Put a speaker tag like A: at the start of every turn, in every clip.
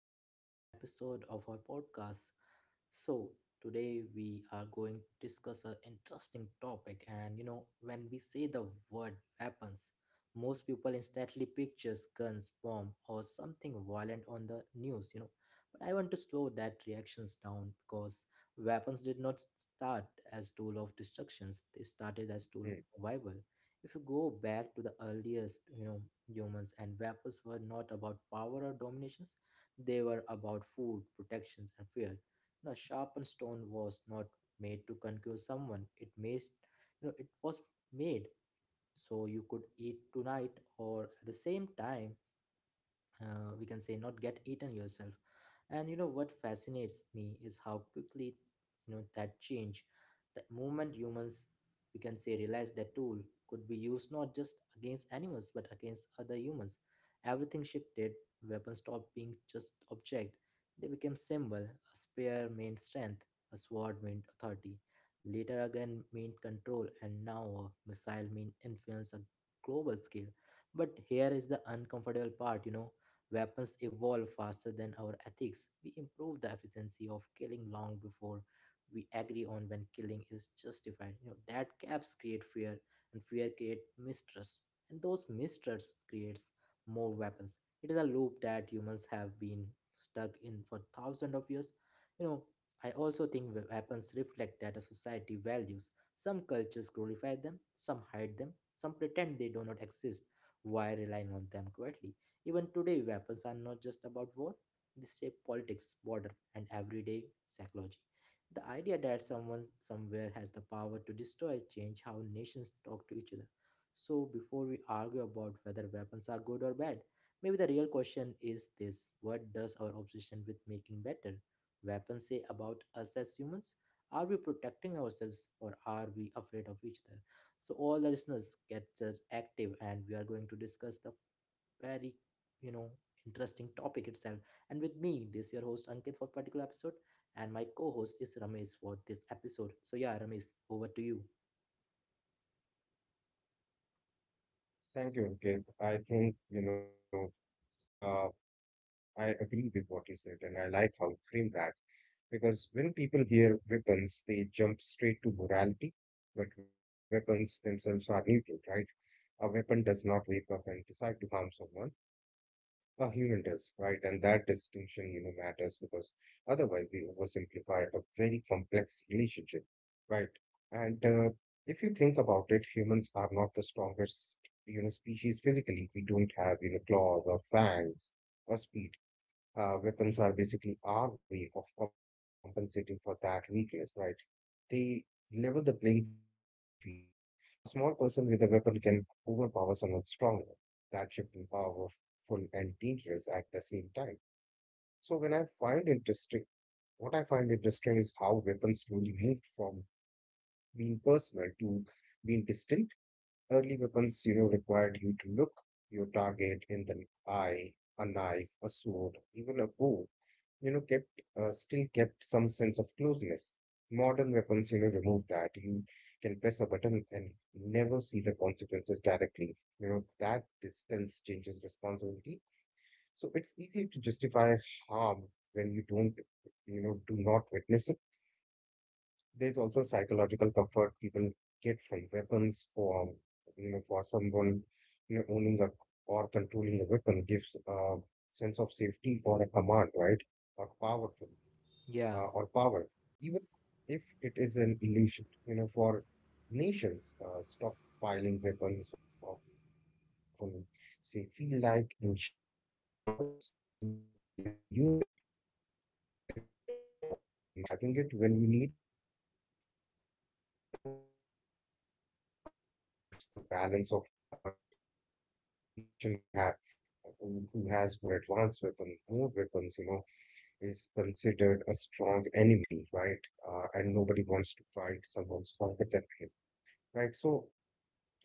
A: to the another episode of our podcast. So, Today we are going to discuss an interesting topic and when we say the word weapons, most people instantly pictures guns, bomb or something violent on the news. But I want to slow that reactions down because weapons did not start as tool of destructions. They started as tool of survival. If you go
B: Hmm.
A: back to the earliest, humans and weapons were not about power or dominations, they were about food, protections, and fear. A sharpened stone was not made to conquer someone. It was made so you could eat tonight, or at the same time, we can say not get eaten yourself. And what fascinates me is how quickly that change. The moment humans, we can say, realize that tool could be used not just against animals but against other humans, everything shifted. Weapons stopped being just object, they became symbol. A spear meant strength, a sword meant authority, later again meant control, and now a missile meant influence, a global scale. But here is the uncomfortable part. Weapons evolve faster than our ethics. We improve the efficiency of killing long before we agree on when killing is justified. That gaps create fear and fear create mistrust. And those mistrusts creates more weapons. It is a loop that humans have been stuck in for thousands of years. You know, I also think weapons reflect that a society values. Some cultures glorify them, some hide them,
B: Yeah,
A: some pretend they do not exist while relying on them quietly. Even today, weapons are not just about war, they shape politics, border, and everyday psychology. The idea that someone somewhere has the power to destroy change how nations talk to each other. So before we argue about whether weapons are good or bad, maybe the real question is this: what does our obsession with making better weapons say about us as humans? Are we protecting ourselves or are we afraid of each other? So all the listeners get just active and we are going to discuss the very, you know interesting topic itself, and with me this your host Ankit for particular episode, and my co-host is Ramesh for this episode. So yeah, Ramesh, over to you.
B: thank you, Ankit. I think, you know, uh, I agree with what you said, and I like how you framed that because when people hear weapons, they jump straight to morality, but weapons themselves are neutral, right? A weapon does not wake up and decide to harm someone. A human does, right? And that distinction, you know, matters because otherwise we oversimplify a very complex relationship, right? And if you think about it, humans are not the strongest, you know, species physically. We don't have, you know, claws or fangs or speed. Weapons are basically our way of compensating for that weakness, right? They level the playing field. A small person with a weapon can overpower someone stronger. That shift in powerful and dangerous at the same time. So when I find interesting, What I find interesting is how weapons slowly moved from being personal to being distant. Early weapons, you know, required you to look your target in the eye, a knife, a sword, even a bow, you know, kept still kept some sense of closeness. Modern weapons, you know, remove that. You can press a button and never see the consequences directly. You know, that distance changes responsibility. So it's easier to justify harm when you don't, you know, do not witness it. There's also psychological comfort people get from weapons for, you know, for someone, you know, owning a or controlling a weapon gives a sense of safety or a command, right? Or powerful
A: Yeah.
B: or power, even if it is an illusion. You know, for nations, stockpiling weapons often say feel like insurance. You hope you never use it, but you are terrified of say not having it when you need it, or maybe you know. It also shifts the balance of power as well. The nation with ha- who has more advanced weapons, more weapons, you know, is considered a strong enemy, right? And nobody wants to fight someone stronger than him, right? So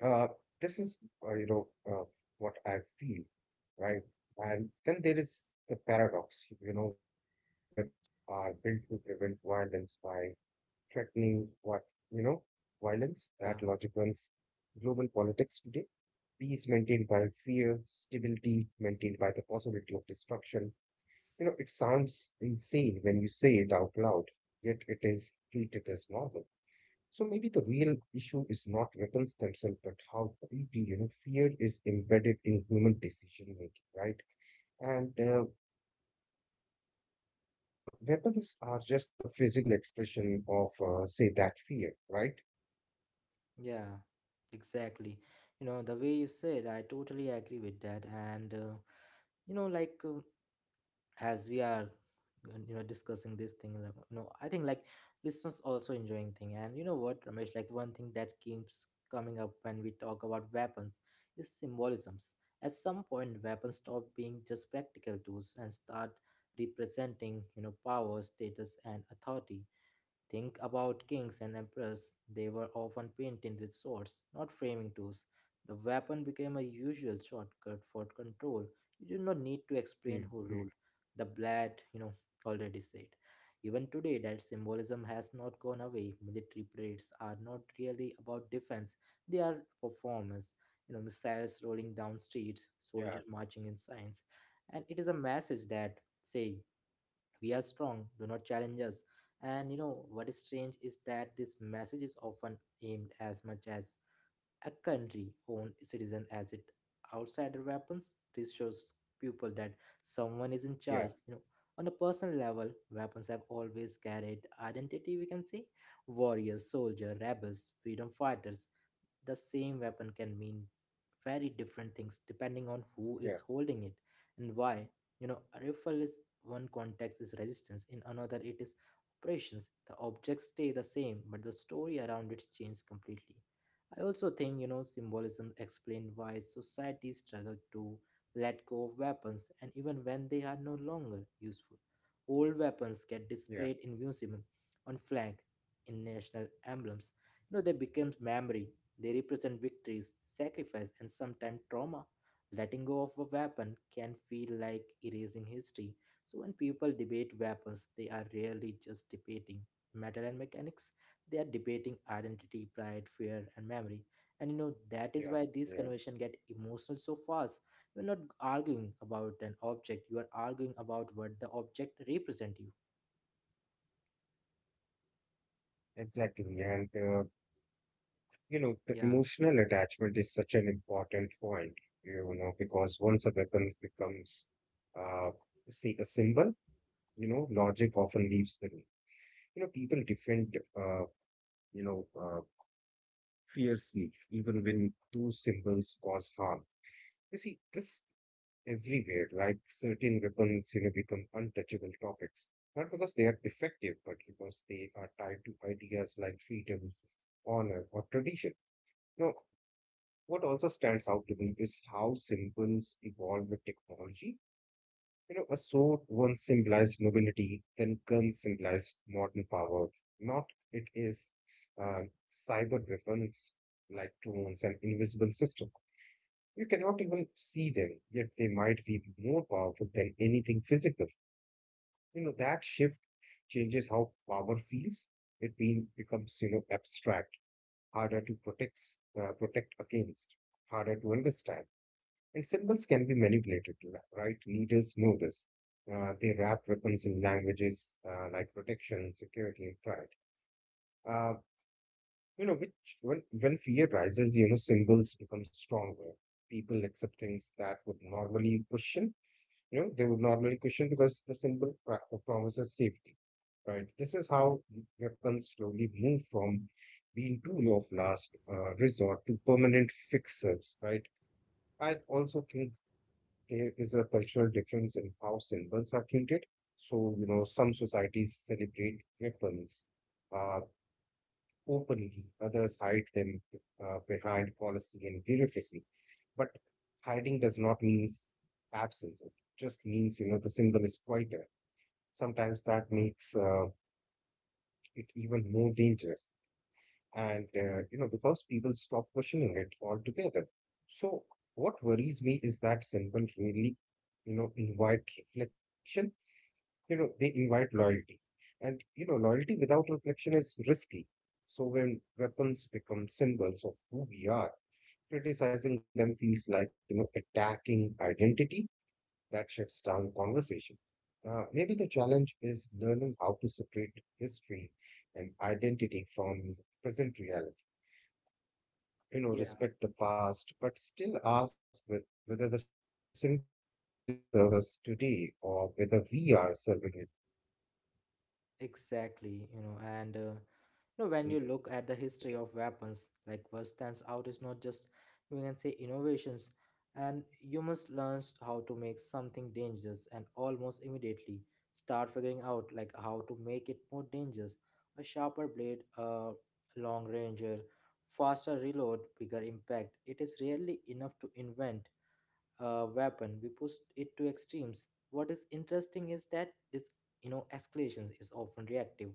B: uh, this is, you know, uh, what I feel, right? And then there is the paradox, you know, weapons are built to prevent violence by threatening what, you know, violence. That
A: Yeah.
B: logic runs global politics today. Peace maintained by fear, stability maintained by the possibility of destruction, you know, it sounds insane when you say it out loud, yet it is treated as normal. So maybe the real issue is not weapons themselves, but how deeply, you know, fear is embedded in human decision making, right? And Weapons are just the physical expression of, say, that fear, right?
A: Yeah, exactly. The way you said, I totally agree with that. And you know like uh, as we are, discussing this thing, like, I think, like, listeners also enjoying thing. And you know what, Ramesh, like, one thing that keeps coming up when we talk about weapons is symbolisms. At some point weapons stop being just practical tools and start representing, power, status and authority. Think about kings and emperors. They were often painted with swords, not framing tools. The weapon became a usual shortcut for control. You did not need to explain who
B: Mm-hmm.
A: ruled. The blade already said. Even today, that symbolism has not gone away. Military parades are not really about defense, they are performance. Missiles rolling down streets,
B: Yeah,
A: soldiers marching in signs. And it is a message that say, we are strong, do not challenge us. And what is strange is that this message is often aimed as much as a country owned citizen as it outsider. Weapons this shows people that someone is in
B: yeah,
A: charge. On a personal level, weapons have always carried identity, we can say: warriors, soldier, rebels, freedom fighters. The same weapon can mean very different things depending on who
B: yeah,
A: is holding it and why. A rifle is one context is resistance, in another it is operations. The objects stay the same, but the story around it changes completely. I also think symbolism explains why societies struggle to let go of weapons and even when they are no longer useful. Old weapons get
B: yeah,
A: displayed in museum, on flag, in national emblems. They become memory, they represent victories, sacrifice, and sometimes trauma. Letting go of a weapon can feel like erasing history. So when people debate weapons, they are rarely just debating metal and mechanics. They are debating identity, pride, fear, and memory. And that is
B: yeah,
A: why these
B: yeah,
A: conversations get emotional so fast. You're not arguing about an object, you are arguing about what the object represents you.
B: exactly. And you know, the
A: Yeah.
B: emotional attachment is such an important point, you know, because once a weapon becomes, uh, say, a symbol, you know, logic often leaves the room. You know, people defend, you know, uh, fiercely, even when those symbols cause harm. You see this everywhere, like certain weapons, you know, become untouchable topics, not because they are effective, but because they are tied to ideas like freedom, honor, or tradition. What also stands out to me is how symbols evolve with technology. You know, a sword once symbolized nobility, then gun symbolized modern power. Not it is uh, Cyber weapons like drones and invisible systems. You cannot even see them, yet they might be more powerful than anything physical. You know, that shift changes how power feels. Becomes, you know, abstract, harder to protect, protect against, harder to understand. And symbols can be manipulated, right? Leaders know this. They wrap weapons in languages like protection, security, and pride. Uh, you know, which When fear rises, you know, symbols become stronger. People accept things that would normally question. You know, they would normally question because the promises safety, right? This is how weapons slowly move from being tool of last resort to permanent fixers, right? I also think there is a cultural difference in how symbols are treated. So, you know, some societies celebrate weapons uh, openly, others hide them behind policy and bureaucracy. But hiding does not mean absence, it just means, you know, the symbol is quieter. Sometimes that makes it even more dangerous. And, you know, because people stop questioning it altogether. So, what worries me is that symbol really, you know, invite reflection. You know, they invite loyalty, and you know, loyalty without reflection is risky. So when weapons become symbols of who we are, criticizing them feels like, you know, attacking identity. That shuts down conversation. Maybe the challenge is learning how to separate history and identity from present reality,
A: Yeah.
B: you know, respect the past but still ask with whether the symbol still serves us today or whether we are serving it instead, right?
A: Exactly. you know, and you know When you look at the history of weapons, like, what stands out is not just, we can say, innovations, and humans learned how to make something dangerous and almost immediately start figuring out like how to make it more dangerous. A sharper blade, a long ranger, faster reload, bigger impact. It is rarely enough to invent weapon, we push it to extremes. What is interesting is that this, escalation is often reactive.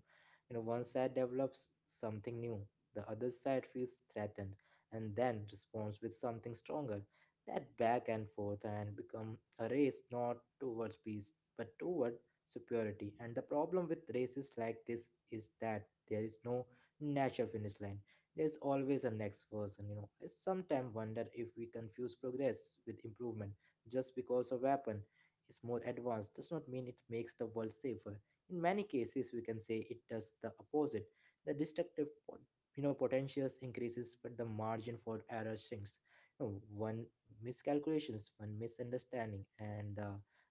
A: One side develops something new, the other side feels threatened and then responds with something stronger. That back and forth and become a race not towards peace but toward superiority. And the problem with races like this is that there is no natural finish line, there's always a next version. I sometimes wonder if we confuse progress with improvement. Just because a weapon is more advanced does not mean it makes the world safer. In many cases, we can say, it does the opposite. The destructive potentials increases but the margin for error shrinks. One miscalculations, one misunderstanding, and the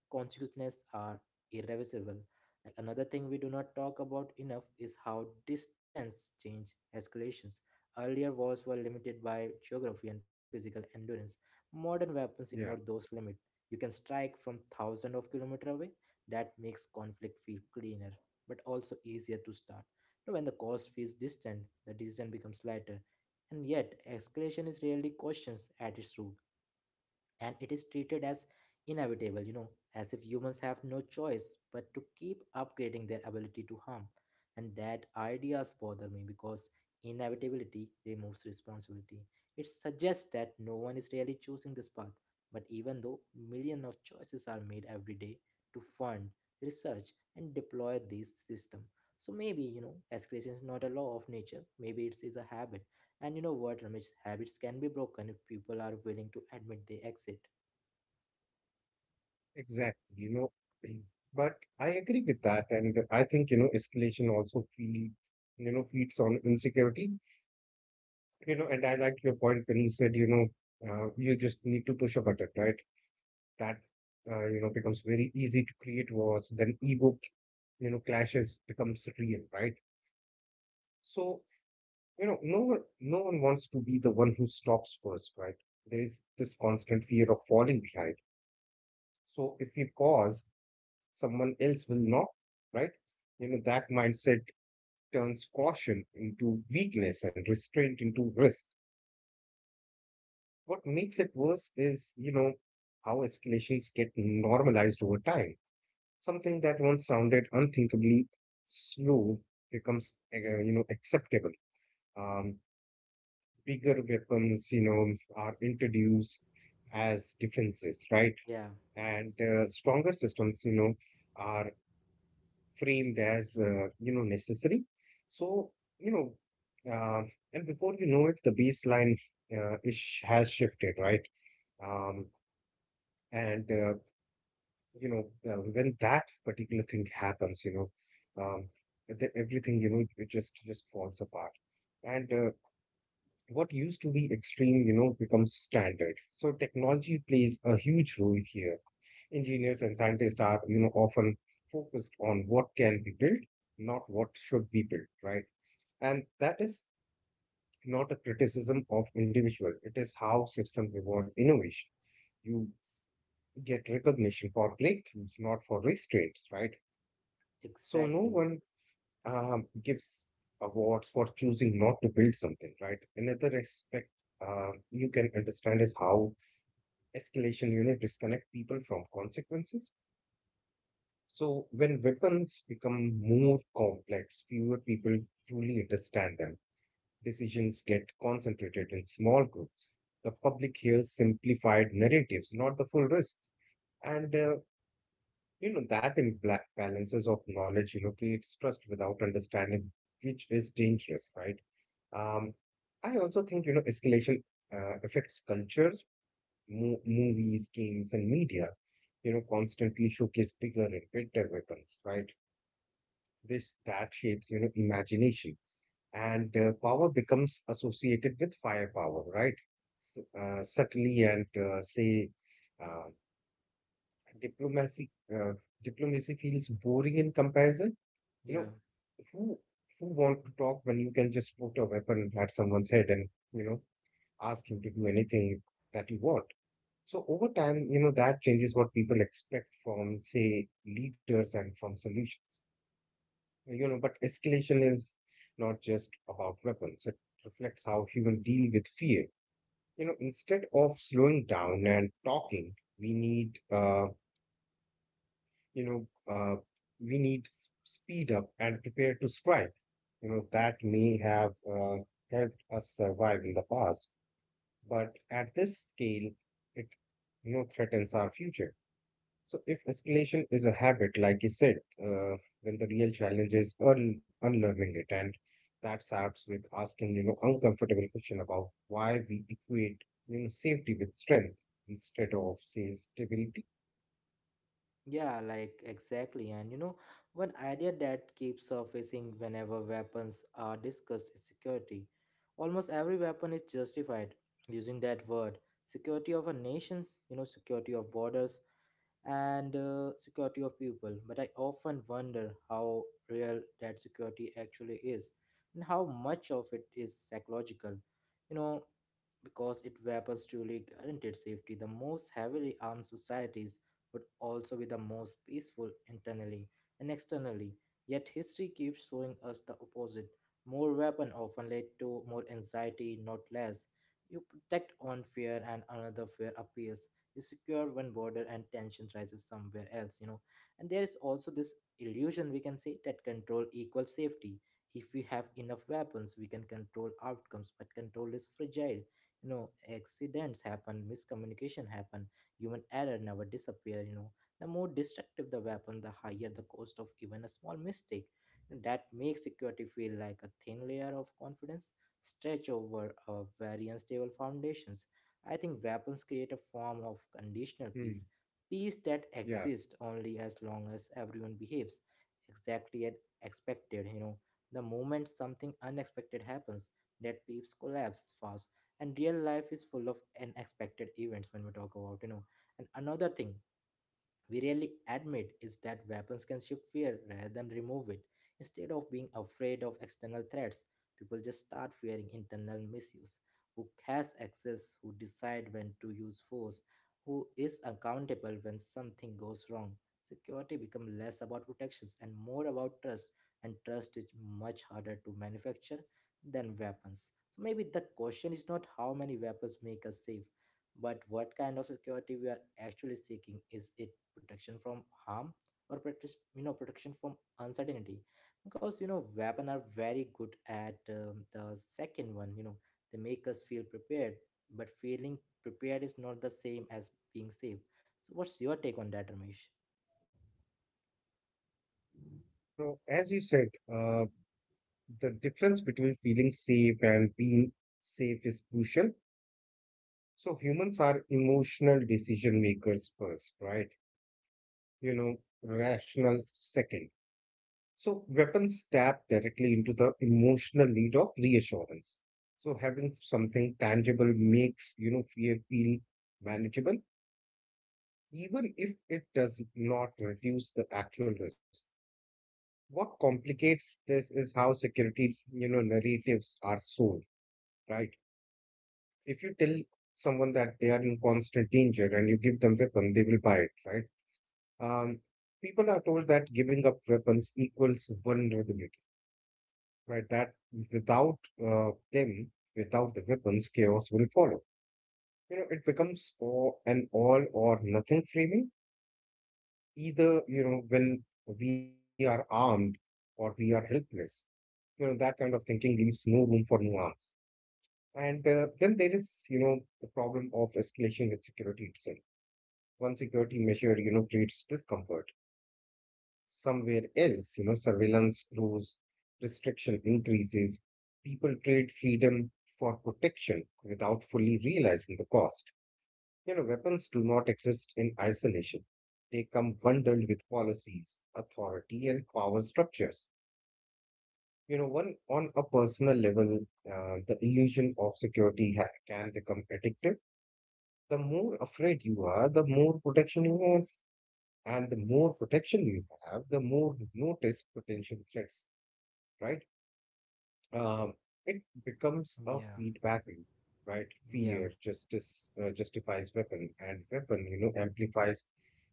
A: consequences are irreversible. Like, another thing we do not talk about enough is how distance change escalations. Earlier wars were limited by geography and physical endurance. Modern weapons ignore those limits. You can strike from thousands of kilometers away. That makes conflict feel cleaner, but also easier to start. Now, when the cause feels distant, the decision becomes lighter. And yet, escalation is rarely questioned at its root and it is treated as inevitable, as if humans have no choice but to keep upgrading their ability to harm. And that ideas bother me because inevitability removes responsibility. It suggests that no one is really choosing this path. But even though millions of choices are made every day to fund, research, and deploy these systems. So maybe escalation is not a law of nature, maybe it is a habit. And you know what, Ramesh? Habits can be broken if people are willing to admit they exit.
B: Exactly, you know, but I agree with that, and I think, you know, escalation also feed, you know, feeds on insecurity, you know, and I like your point when you said, you know, you just need to push a button, right? That you know becomes very easy to create wars. Then ego, you know, clashes becomes real, right? So, you know, no one wants to be the one who stops first, right? There is this constant fear of falling behind. So if you pause someone else will not, right? You know, that mindset turns caution into weakness and restraint into risk. What makes it worse is, you know, how escalations get normalized over time. Something that once sounded unthinkably slow becomes, you know, acceptable. Um, Bigger weapons, you know, are introduced as defenses, right?
A: Yeah.
B: And stronger systems, you know, are framed as you know necessary. So you know, um, and before you know it, the baseline is has shifted, right? Um, and uh, when that particular thing happens, you know, everything, you know, it just falls apart. And What used to be extreme, you know, becomes standard. So technology plays a huge role here. Engineers and scientists are, you know, often focused on what can be built, not what should be built, right? And that is not a criticism of individual, it is how system reward innovation. You get recognition for breakthroughs, not for restraints, right? So no
A: Exactly.
B: one, gives awards for choosing not to build something, right? Another aspect you can understand is how escalation, you know, disconnect people from consequences. So when weapons become more complex, fewer people truly understand them. Decisions get concentrated in small groups. The public hears simplified narratives, not the full risk. And you know that imbalances of knowledge, you know, creates trust without understanding, which is dangerous, right? Um, I also think, you know, escalation affects cultures, movies, games, and media. You know, constantly showcase bigger and better weapons, right? This that shapes, you know, imagination, and power becomes associated with firepower, right? Subtly and uh, diplomacy. Diplomacy feels boring in comparison. You
A: Yeah.
B: know, who who want to talk when you can just put a weapon at someone's head and, you know, ask him to do anything that you want. So over time, you know, that changes what people expect from, say, leaders and from solutions. You know, but escalation is not just about weapons. It reflects how humans deal with fear. You know, instead of slowing down and talking, we need, you know, uh, we need speed up and prepare to strike. You know, that may have helped us survive in the past, but at this scale, it, you know, threatens our future. So, if escalation is a habit, like you said, uh, then the real challenge is unlearning it, and that starts with asking, you know, uncomfortable question about why we equate, you know, safety with strength instead of, say, stability.
A: Yeah, like, exactly. And one idea that keeps surfacing whenever weapons are discussed is security. Almost every weapon is justified using that word. Security of a nation, security of borders, and security of people. But I often wonder how real that security actually is and how much of it is psychological. You know, because it weapons truly, guaranteed safety. The most heavily armed societies would also be the most peaceful internally and externally. Yet history keeps showing us the opposite. More weapon often led to more anxiety, not less. You protect one fear and another fear appears. You secure one border and tension rises somewhere else. And there is also this illusion, we can say, that control equals safety. If we have enough weapons, we can control outcomes, but control is fragile. you know Accidents happen, miscommunication happen, human error never disappear. The more destructive the weapon, the higher the cost of even a small mistake. And that makes security feel like a thin layer of confidence stretch over a very unstable foundations. I think weapons create a form of conditional peace,
B: Hmm.
A: peace that
B: Yeah,
A: exists only as long as everyone behaves exactly as expected. The moment something unexpected happens, that peeps collapse fast. And real life is full of unexpected events when we talk about, and another thing we rarely admit is that weapons can shift fear rather than remove it. Instead of being afraid of external threats, people just start fearing internal misuse. Who has access, who decide when to use force, who is accountable when something goes wrong. Security becomes less about protections and more about trust, and trust is much harder to manufacture than weapons. So maybe the question is not how many weapons make us safe, but what kind of security we are actually seeking? Is it protection from harm or protection from uncertainty? Because weapons are very good at the second one. They make us feel prepared, but feeling prepared is not the same as being safe. So, what's your take on that, Ramesh?
B: you know, as you said, uh, the difference between feeling safe and being safe is crucial. So, humans are emotional decision makers first, right? You know, rational second. So weapons tap directly into the emotional need of reassurance. So having something tangible makes, you know, fear feel manageable, even if it does not reduce the actual risk. What complicates this is how security, you know, narratives are sold, right? If you tell someone that they are in constant danger and you give them weapon, they will buy it, right? Um, People are told that giving up weapons equals vulnerability, right? That without uh, them, without the weapons, chaos will follow. You know, it becomes an all or nothing framing. Either, you know, when we are armed or we are helpless, you know, that kind of thinking leaves no room for nuance. And then there is, you know, the problem of escalation with security itself. One security measure, you know, creates discomfort. Somewhere else. You know, surveillance grows, restriction increases, people trade freedom for protection without fully realizing the cost. You know, weapons do not exist in isolation. They come bundled with policies, authority, and power structures. You know, one on a personal level, the illusion of security can become addictive. The more afraid you are, the more protection you want, and the more protection you have, the more you notice potential threats. Right? Um, it becomes a
A: Yeah,
B: feedback loop, right?
A: yeah,
B: Fear justice justifies weapon, and weapon, you know, amplifies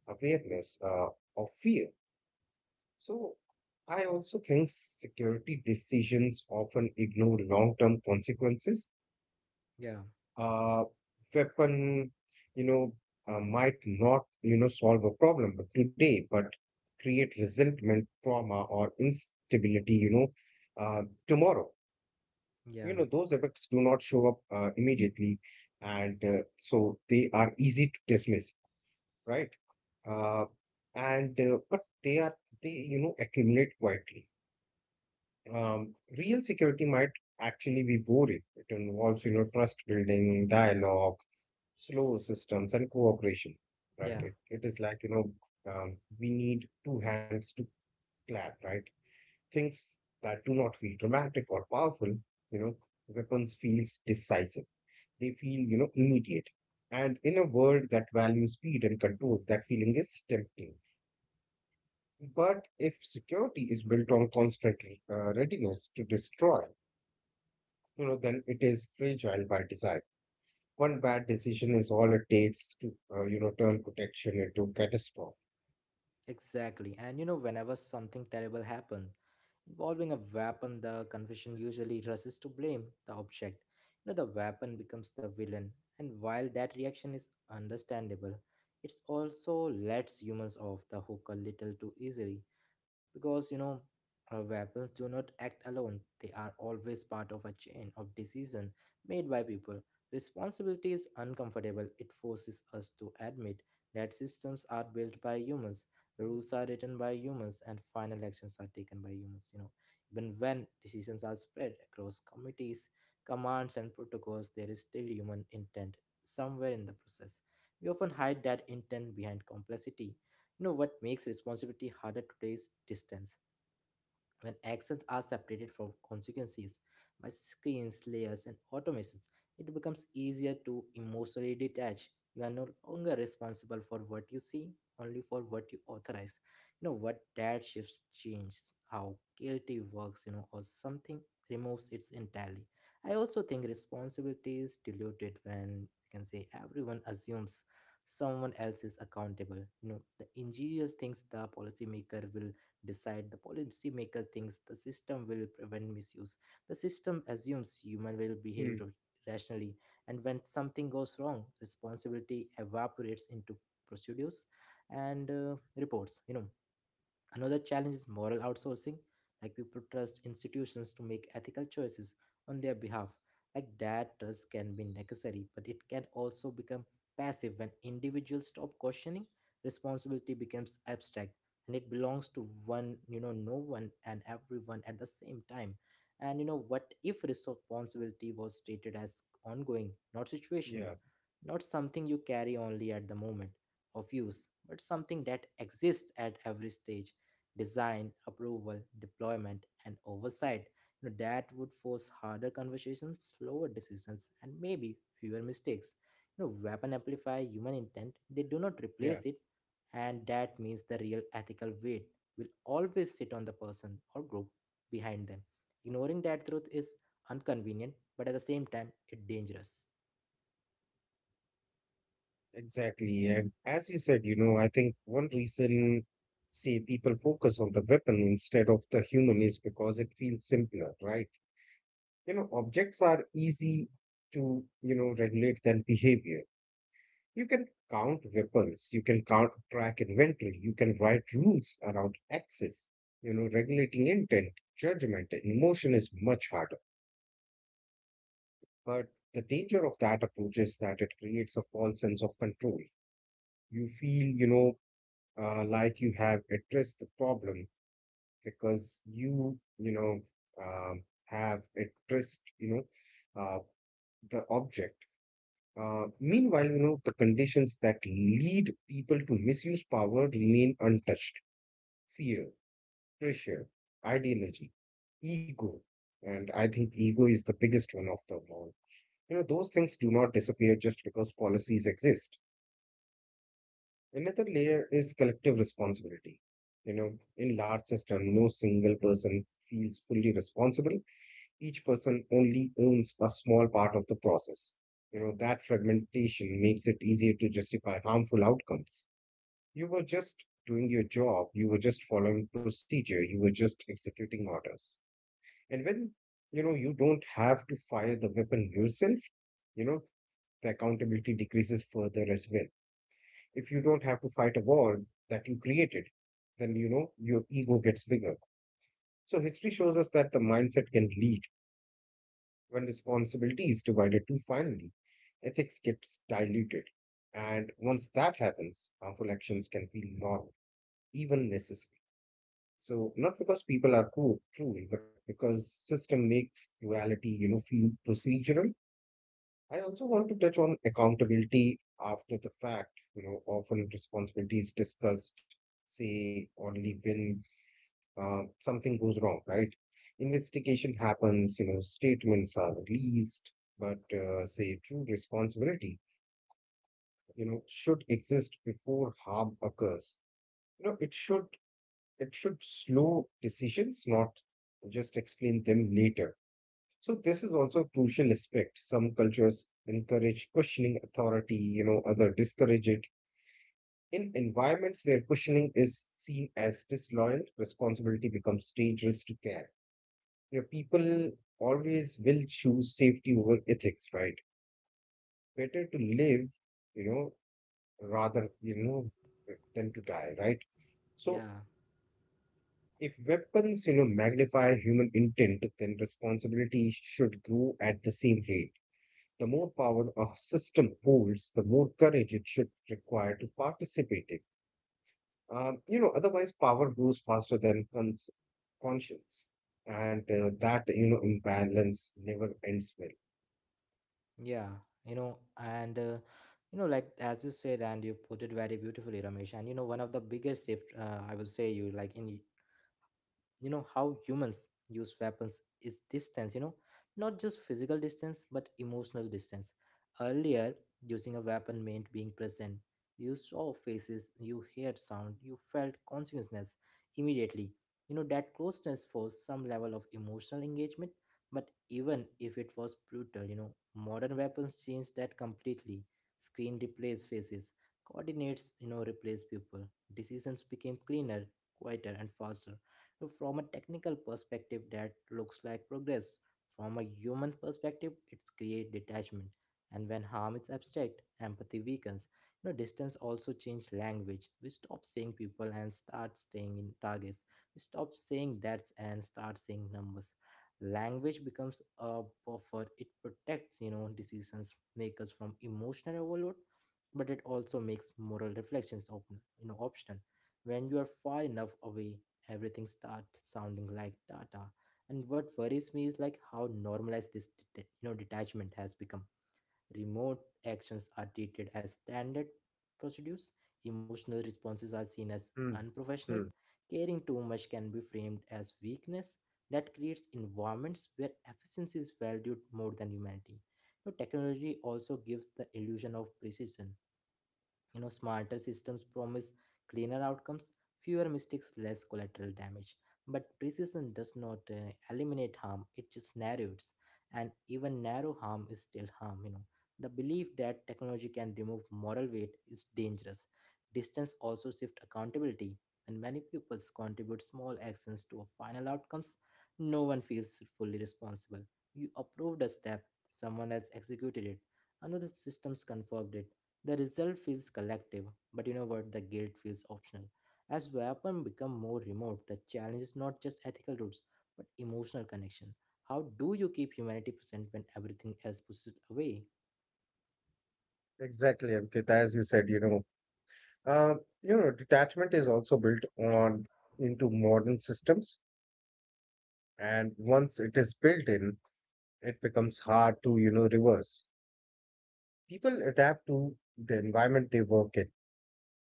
B: awareness of fear. So I also think security decisions often ignore long-term consequences.
A: yeah,
B: Uh, Weapon, you know, might not, you know, solve a problem but today, but create resentment, trauma, or instability, you know, uh, tomorrow. You know,
A: yeah,
B: those effects do not show up immediately, and so they are easy to dismiss, right? uh, and But they are, they accumulate quietly. um, Real security might actually be boring. It involves, you know, trust building, dialogue, slow systems, and cooperation, right?
A: yeah.
B: It is like we need two hands to clap, right? Things that do not feel dramatic or powerful, you know. Weapons feels decisive. They feel, you know, immediate. And in a world that values speed and control, that feeling is tempting. But if security is built on constant readiness to destroy, you know, then it is fragile by design. One bad decision is all it takes to, turn protection into catastrophe.
A: Exactly. And whenever something terrible happened involving a weapon, the confession usually rushes to blame the object. The weapon becomes the villain. And while that reaction is understandable, it also lets humans off the hook a little too easily. Because, you know, our weapons do not act alone. They are always part of a chain of decision made by people. Responsibility is uncomfortable. It forces us to admit that systems are built by humans, rules are written by humans, and final actions are taken by humans, you know. Even when decisions are spread across committees, commands, and protocols, there is still human intent somewhere in the process. We often hide that intent behind complexity. You know what makes responsibility harder today is distance. When actions are separated from consequences by screens, layers, and automations, it becomes easier to emotionally detach. You are no longer responsible for what you see, only for what you authorize. You know what, that shifts changes how guilty works, you know, or something removes its entirely. I also think responsibility is diluted when we can say everyone assumes someone else is accountable. You know, the engineers thinks the policymaker will decide, the policy maker thinks the system will prevent misuse, the system assumes human will behave
B: Hmm.
A: rationally. And when something goes wrong, responsibility evaporates into procedures and reports, you know. Another challenge is moral outsourcing, like people trust institutions to make ethical choices on their behalf. Like that trust can be necessary, but it can also become passive when individuals stop questioning. Responsibility becomes abstract, and it belongs to one, you know, no one and everyone at the same time. And you know, what if responsibility was treated as ongoing, not
B: Yeah,
A: situational, not something you carry only at the moment of use, but something that exists at every stage? Design, approval, deployment, and oversight. You know, that would force harder conversations, slower decisions, and maybe fewer mistakes. You know, weapon amplify human intent, they do not
B: yeah,
A: replace it, and that means the real ethical weight will always sit on the person or group behind them. Ignoring that truth is inconvenient, but at the same time, it's dangerous.
B: exactly. And as you said, you know, I think one reason, say, people focus on the weapon instead of the human is because it feels simpler, right? You know, objects are easy to, you know, regulate than behavior. You can count weapons, you can count track inventory, you can write rules around access. You know, regulating intent, judgment, and emotion is much harder. But the danger of that approach is that it creates a false sense of control. You feel, like you have addressed the problem because you have addressed, know, uh, the object. Meanwhile, you know, the conditions that lead people to misuse power remain untouched. Fear, pressure, ideology, ego. And I think ego is the biggest one of them all. You know, those things do not disappear just because policies exist. Another layer is collective responsibility. You know, in large system, no single person feels fully responsible. Each person only owns a small part of the process. You know, that fragmentation makes it easier to justify harmful outcomes. You were just doing your job, you were just following procedure, you were just executing orders. And when, you know, you don't have to fire the weapon yourself, you know, the accountability decreases further as well. If you don't have to fight a war that you created, then, you know, your ego gets bigger. So history shows us that the mindset can lead when responsibility is divided too finely, ethics gets diluted. And once that happens, harmful actions can feel normal, even necessary. So not because people are cruel, but because system makes cruelty, you know, feel procedural. I also want to touch on accountability after the fact. You know, often responsibility is discussed, say, only when something goes wrong, right? Investigation happens, you know, statements are released, but say true responsibility, you know, should exist before harm occurs. You know, it should slow decisions, not just explain them later. So this is also a crucial aspect. Some cultures encourage questioning authority, you know, other discourage it. In environments where questioning is seen as disloyal, responsibility becomes dangerous to care. You know, people always will choose safety over ethics, right? Better to live, you know, rather, you know, than to die, right? So
A: Yeah.
B: if weapons, you know, magnify human intent, then responsibility should grow at the same rate. The more power a system holds, the more courage it should require to participate in. You know, otherwise power grows faster than conscience. And that, you know, imbalance never ends well.
A: Yeah, you know, and uh, like as you said, and you put it very beautifully, Ramesh. And you know, one of the biggest shift, I would say, you like in you know, how humans use weapons is distance, you know, not just physical distance but emotional distance. Earlier, using a weapon meant being present. You saw faces, you heard sound, you felt consciousness immediately. You know, that closeness forced some level of emotional engagement, but even if it was brutal, you know, modern weapons changed that completely. Screen replaced faces, coordinates, you know, replaced people. Decisions became cleaner, quieter, and faster. Now, from a technical perspective, that looks like progress. From a human perspective, it's create detachment. And when harm is abstract, empathy weakens. You know, distance also changed language. We stop saying people and start staying in targets. We stop saying that's and start saying numbers. Language becomes a buffer. It protects, you know, decisions makers from emotional overload, but it also makes moral reflections open, you know, optional. When you are far enough away, everything starts sounding like data. And what worries me is like how normalized this you know, detachment has become. Remote actions are treated as standard procedures. Emotional responses are seen as
B: Hmm,
A: unprofessional.
B: hmm.
A: Caring too much can be framed as weakness. That creates environments where efficiency is valued more than humanity. Now, technology also gives the illusion of precision, you know. Smarter systems promise cleaner outcomes, fewer mistakes, less collateral damage. But precision does not eliminate harm, it just narrows. And even narrow harm is still harm, you know. The belief that technology can remove moral weight is dangerous. Distance also shifts accountability. When many pupils contribute small actions to a final outcomes, no one feels fully responsible. You approved a step, someone else executed it, another systems confirmed it, the result feels collective, but you know what? The guilt feels optional. As weapons become more remote, the challenge is not just ethical roots, but emotional connection. How do you keep humanity present when everything else pushes it away?
B: Exactly, Ankit. As you said, uh, you know, detachment is also built on into modern systems, and once it is built in, it becomes hard to, you know, reverse. People adapt to the environment they work in.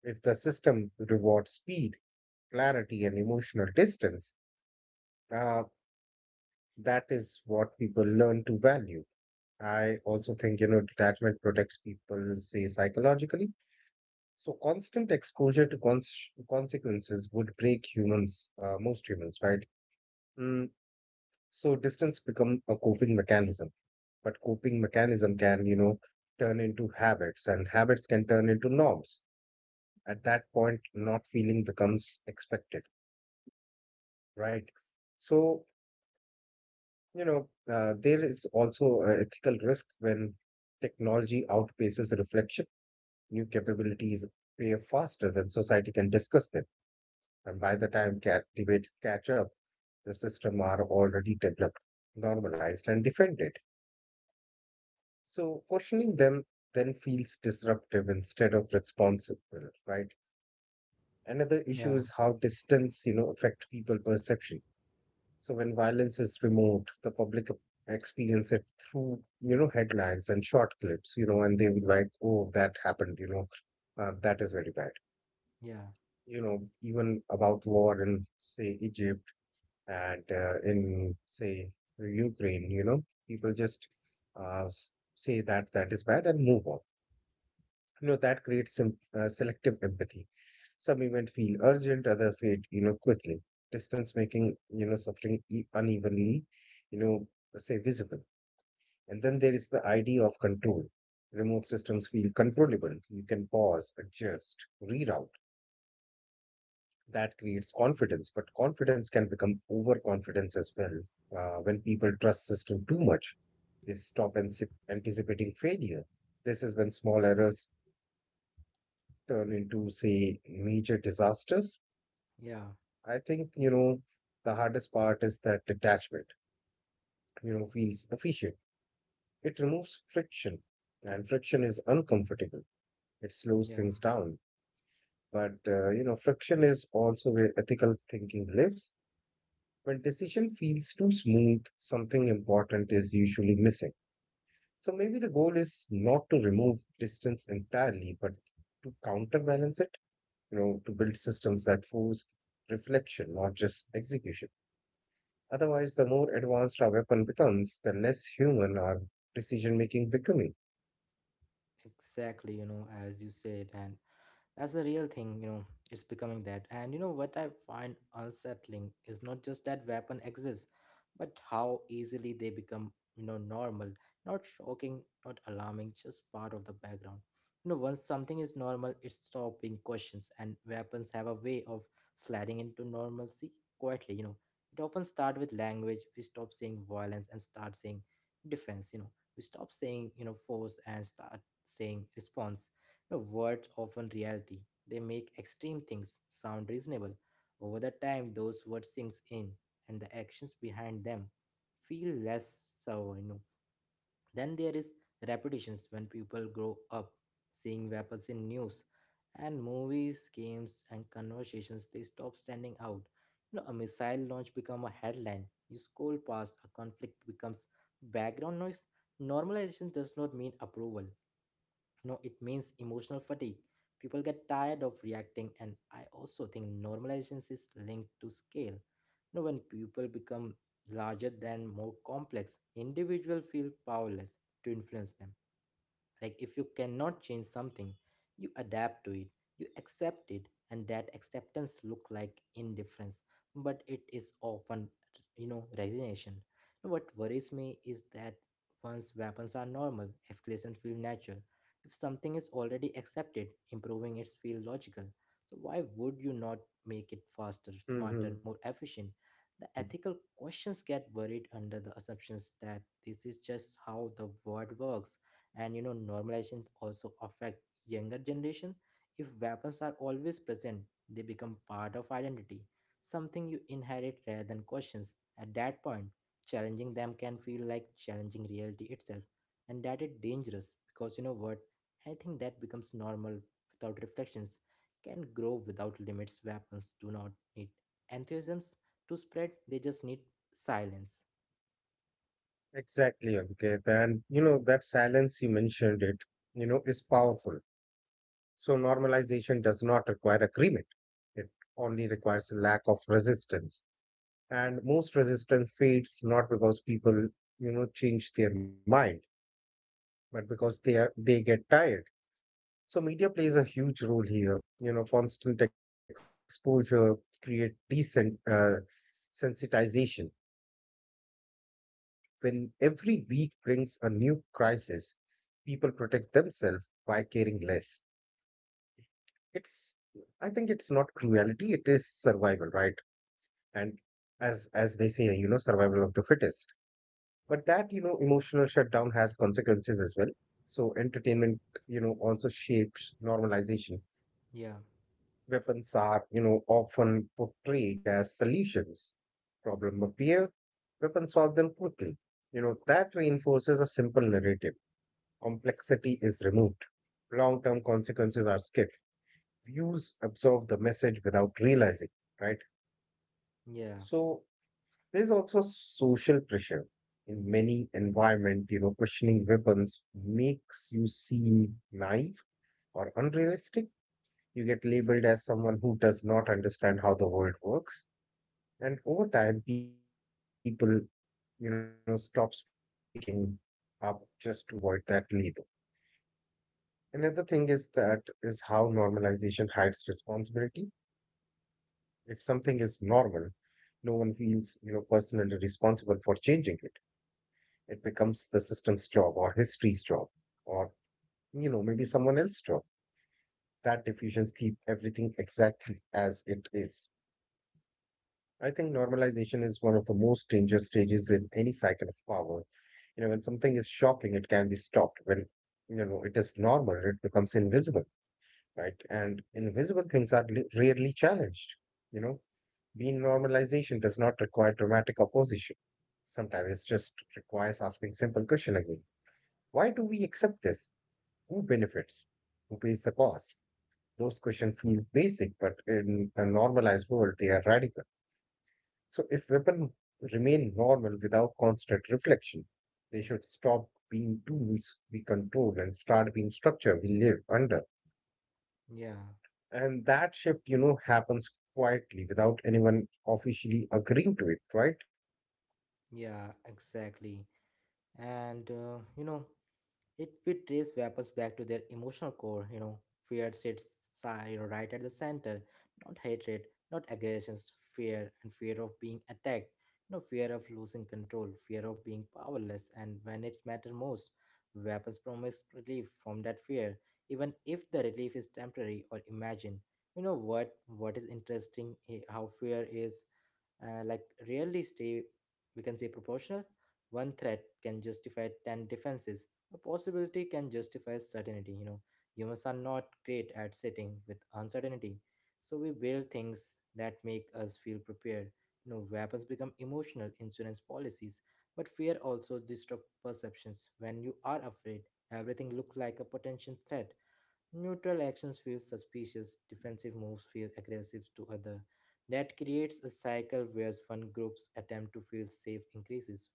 B: If the system rewards speed, clarity, and emotional distance, uh, that is what people learn to value. I also think, you know, detachment protects people, say, psychologically. So constant exposure to consequences would break humans, most humans, right? Mm, so distance become a coping mechanism, but coping mechanism can, you know, turn into habits, and habits can turn into norms. At that point, not feeling becomes expected, right? So you know, there is also a ethical risk when technology outpaces reflection. New capabilities appear faster than society can discuss them, and by the time cat debates catch up, the system are already developed, normalized, and defended. So questioning them then feels disruptive instead of responsible, right? Another issue
A: Yeah,
B: is how distance, you know, affect people perception. So when violence is removed, the public experience it through, you know, headlines and short clips, you know, and they would like, oh, that happened, you know, that is very bad.
A: yeah,
B: You know, even about war in, say, Egypt and in say Ukraine, you know, people just uh, s- say that that is bad and move on. You know, that creates some selective empathy. Some event feel urgent, other fade, you know, quickly. Distance making, you know, suffering unevenly, you know, say visible. And then there is the idea of control. Remote systems feel controllable. You can pause, adjust, reroute. That creates confidence, but confidence can become overconfidence as well. When people trust system too much, they stop anticipating failure. This is when small errors turn into, say, major disasters.
A: yeah,
B: I think you know the hardest part is that detachment. You know, feels efficient. It removes friction, and friction is uncomfortable. It slows
A: yeah.
B: things down. But you know, friction is also where ethical thinking lives. When decision feels too smooth, something important is usually missing. So maybe the goal is not to remove distance entirely, but to counterbalance it, you know, to build systems that force reflection, not just execution. Otherwise, the more advanced our weapon becomes, the less human our decision making becoming.
A: Exactly, you know, as you said. And that's the real thing, you know, it's becoming that. And you know what I find unsettling is not just that weapon exists, but how easily they become, you know, normal, not shocking, not alarming, just part of the background. You know, once something is normal, it stops being questions, and weapons have a way of sliding into normalcy quietly, you know. It often starts with language. We stop saying violence and start saying defense, you know. We stop saying, you know, force and start saying response. Now, words often reality. They make extreme things sound reasonable. Over the time, those words sinks in, and the actions behind them feel less so. Then there is repetitions when people grow up seeing weapons in news, and movies, games, and conversations. They stop standing out. You know, a missile launch become a headline. You scroll past, a conflict becomes background noise. Normalization does not mean approval, no, it means emotional fatigue. People get tired of reacting. And I also think normalization is linked to scale, you know. When people become larger than more complex, individual feel powerless to influence them. Like if you cannot change something, you adapt to it, you accept it, and that acceptance look like indifference, but it is often, you know, resignation. No, what worries me is that once weapons are normal, escalation feel natural. If something is already accepted, improving it feels logical. So why would you not make it faster, smarter,
B: Hmm.
A: more efficient? The ethical questions get buried under the assumptions that this is just how the world works. And you know, normalization also affect younger generation. If weapons are always present, they become part of identity, something you inherit rather than questions. At that point, challenging them can feel like challenging reality itself. And that is dangerous because you know what? Anything that becomes normal without reflections can grow without limits. Weapons do not need enthusiasms to spread, they just need silence.
B: Exactly, Ankit. And you know, that silence you mentioned it, you know, is powerful. So normalization does not require agreement. It only requires a lack of resistance. And most resistance fades not because people, you know, change their mind, but because they get tired. So media plays a huge role here. You know, constant exposure create decent sensitization. Uh, when every week brings a new crisis, people protect themselves by caring less. It's, I think it's not cruelty, it is survival, right? And as they say, you know, survival of the fittest. But that, you know, emotional shutdown has consequences as well. So entertainment, you know, also shapes normalization.
A: Yeah,
B: Weapons are, you know, often portrayed as solutions. Problem appear, weapons solve them quickly. You know, that reinforces a simple narrative. Complexity is removed, long term consequences are skipped, views absorb the message without realizing, right?
A: yeah,
B: So there's also social pressure in many environment. You know, questioning weapons makes you seem naive or unrealistic. You get labeled as someone who does not understand how the world works, and over time, people you know stop speaking up just to avoid that label. Another thing is that is how normalization hides responsibility. If something is normal, no one feels, you know, personally responsible for changing it. It becomes the system's job or history's job or, you know, maybe someone else's job. That diffusions keep everything exactly as it is. I think normalization is one of the most dangerous stages in any cycle of power. You know, when something is shocking, it can be stopped. When, you know, it is normal, it becomes invisible, right? And invisible things are rarely challenged, you know. Denormalization does not require dramatic opposition. Sometimes it just requires asking simple question again. Why do we accept this? Who benefits? Who pays the cost? Those questions feel basic, but in a normalized world, they are radical. So if weapons remain normal without constant reflection, they should stop being tools we control and start being structure we live under.
A: yeah,
B: And that shift, you know, happens quietly without anyone officially agreeing to it, right?
A: yeah, exactly. And you know, it will trace vapors back to their emotional core, you know. Fear sits you know, right at the center, not hatred, not aggressions, fear, and fear of being attacked, you know, fear of losing control, fear of being powerless, and when it's matter most, vapors promise relief from that fear, even if the relief is temporary or imagined. You know what? What is interesting? How fear is like rarely stay, we can say, proportional. One threat can justify 10 defenses, a possibility can justify certainty, you know. Humans are not great at sitting with uncertainty. So we build things that make us feel prepared. You know, weapons become emotional insurance policies, but fear also distorts perceptions. When you are afraid, everything looks like a potential threat. Neutral actions feel suspicious, defensive moves feel aggressive to other. That creates a cycle where one group's attempt to feel safe increases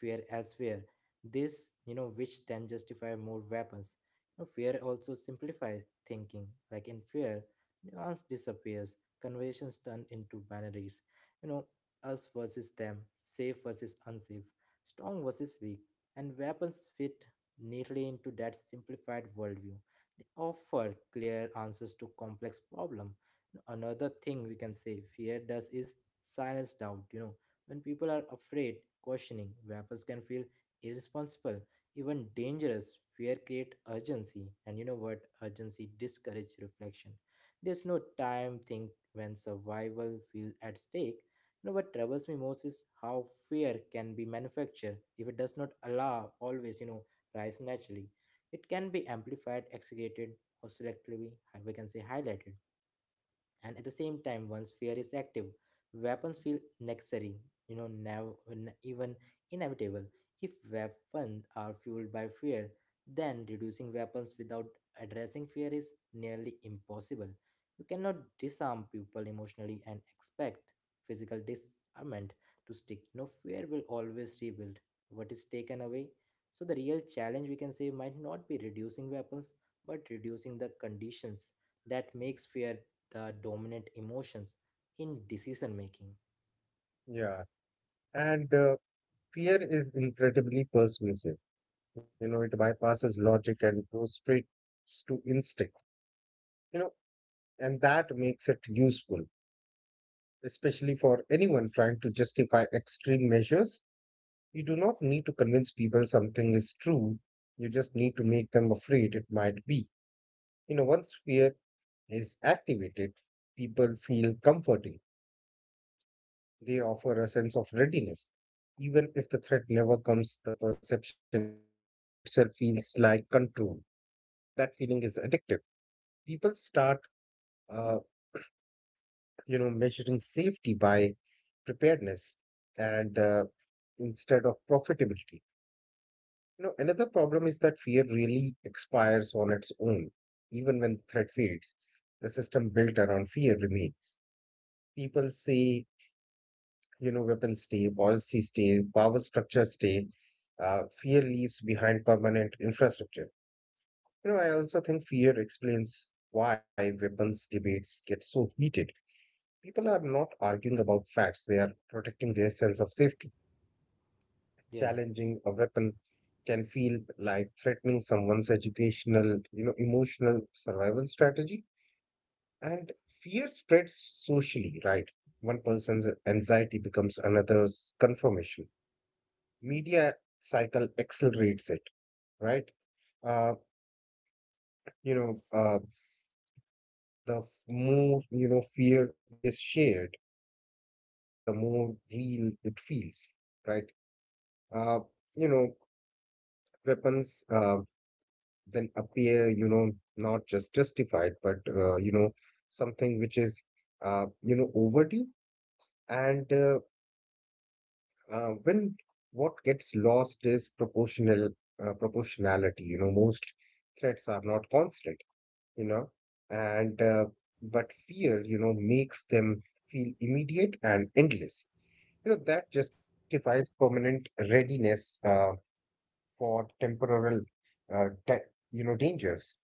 A: fear elsewhere. This, you know, which then justify more weapons. You know, fear also simplifies thinking. Like in fear, nuance disappears, conventions turn into binaries. You know, us versus them, safe versus unsafe, strong versus weak, and weapons fit neatly into that simplified worldview. They offer clear answers to complex problem. Another thing we can say fear does is silence doubt. You know, when people are afraid, questioning, vapors can feel irresponsible, even dangerous. Fear create urgency, and you know what? Urgency discourage reflection. There's no time think when survival feel at stake. You know what troubles me most is how fear can be manufactured, if it does not allow always, you know, rise naturally. It can be amplified, exaggerated, or selectively, we can say, highlighted. And at the same time, once fear is active, weapons feel necessary, you know, now even inevitable. If weapons are fueled by fear, then reducing weapons without addressing fear is nearly impossible. You cannot disarm people emotionally and expect physical disarmament to stick, you know. Fear will always rebuild what is taken away. So the real challenge, we can say, might not be reducing weapons, but reducing the conditions that makes fear the dominant emotions in decision making.
B: Yeah. And fear is incredibly persuasive. You know, it bypasses logic and goes straight to instinct, you know, and that makes it useful, especially for anyone trying to justify extreme measures. You do not need to convince people something is true, you just need to make them afraid it might be. You know, once fear is activated, people feel comforting. They offer a sense of readiness. Even if the threat never comes, the perception, you know, itself feels like control. That feeling is addictive. People start, uh, you know, measuring safety by preparedness and instead of profitability. You know, another problem is that fear really expires on its own, even when the threat fades. The system built around fear remains. People say, you know, weapons stay, policy stay, power structure stay. Fear leaves behind permanent infrastructure. You know, I also think fear explains why weapons debates get so heated. People are not arguing about facts, they are protecting their sense of safety.
A: Yeah,
B: Challenging a weapon can feel like threatening someone's educational, you know, emotional survival strategy. And fear spreads socially, right? One person's anxiety becomes another's confirmation. Media cycle accelerates it, right? Uh, you know, uh, the more, you know, fear is shared, the more real it feels, right? Uh, you know, Weapons then appear, you know, not just justified, but, you know, something which is, overdue. And when what gets lost is proportionality, you know, most threats are not constant, you know, and but fear, you know, makes them feel immediate and endless. You know, that justifies permanent readiness for temporal, uh, da- you know, dangers.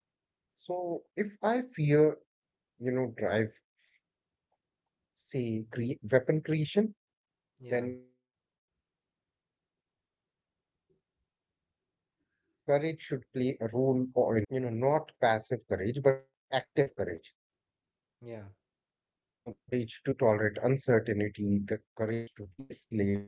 B: So if I fear, you know, drive, say, weapon creation,
A: yeah,
B: then courage should play a role or in restraint. You know, not passive courage, but active courage.
A: yeah,
B: You know, the courage to tolerate uncertainty, the courage to de-escalate,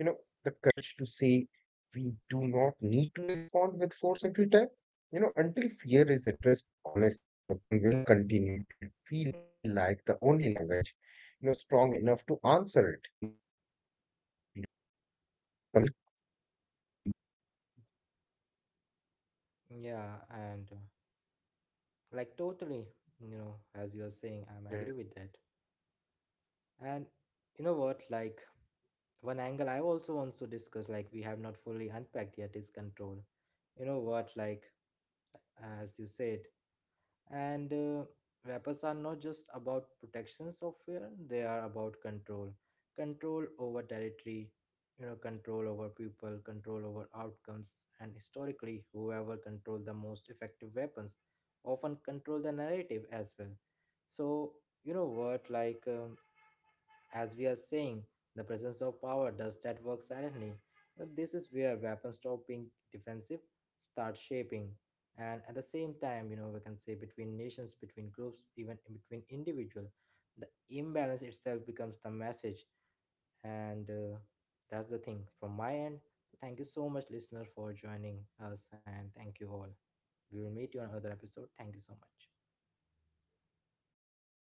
B: you know, the courage to say we do not need to respond with force every time. You know, until fear is addressed honestly, weapon will continue to feel like the only language, you know, strong enough to answer it.
A: yeah, and like totally, you know, as you are saying, I'm agree
B: Yeah.
A: with that. And you know what, like one angle I also want to discuss, like we have not fully unpacked yet, is control. You know what, like as you said. And vapors are not just about protection software, they are about control. Control over territory, you know, control over people, control over outcomes. And historically, whoever controlled the most effective weapons often control the narrative as well. So, you know, what like as we are saying, the presence of power does that work silently. This is where weapons stop being defensive, start shaping. And at the same time, you know, we can say between nations, between groups, even in between individuals, the imbalance itself becomes the message. And that's the thing from my end. Thank you so much, listener, for joining us. And thank you all. We will meet you on another episode. Thank you so much.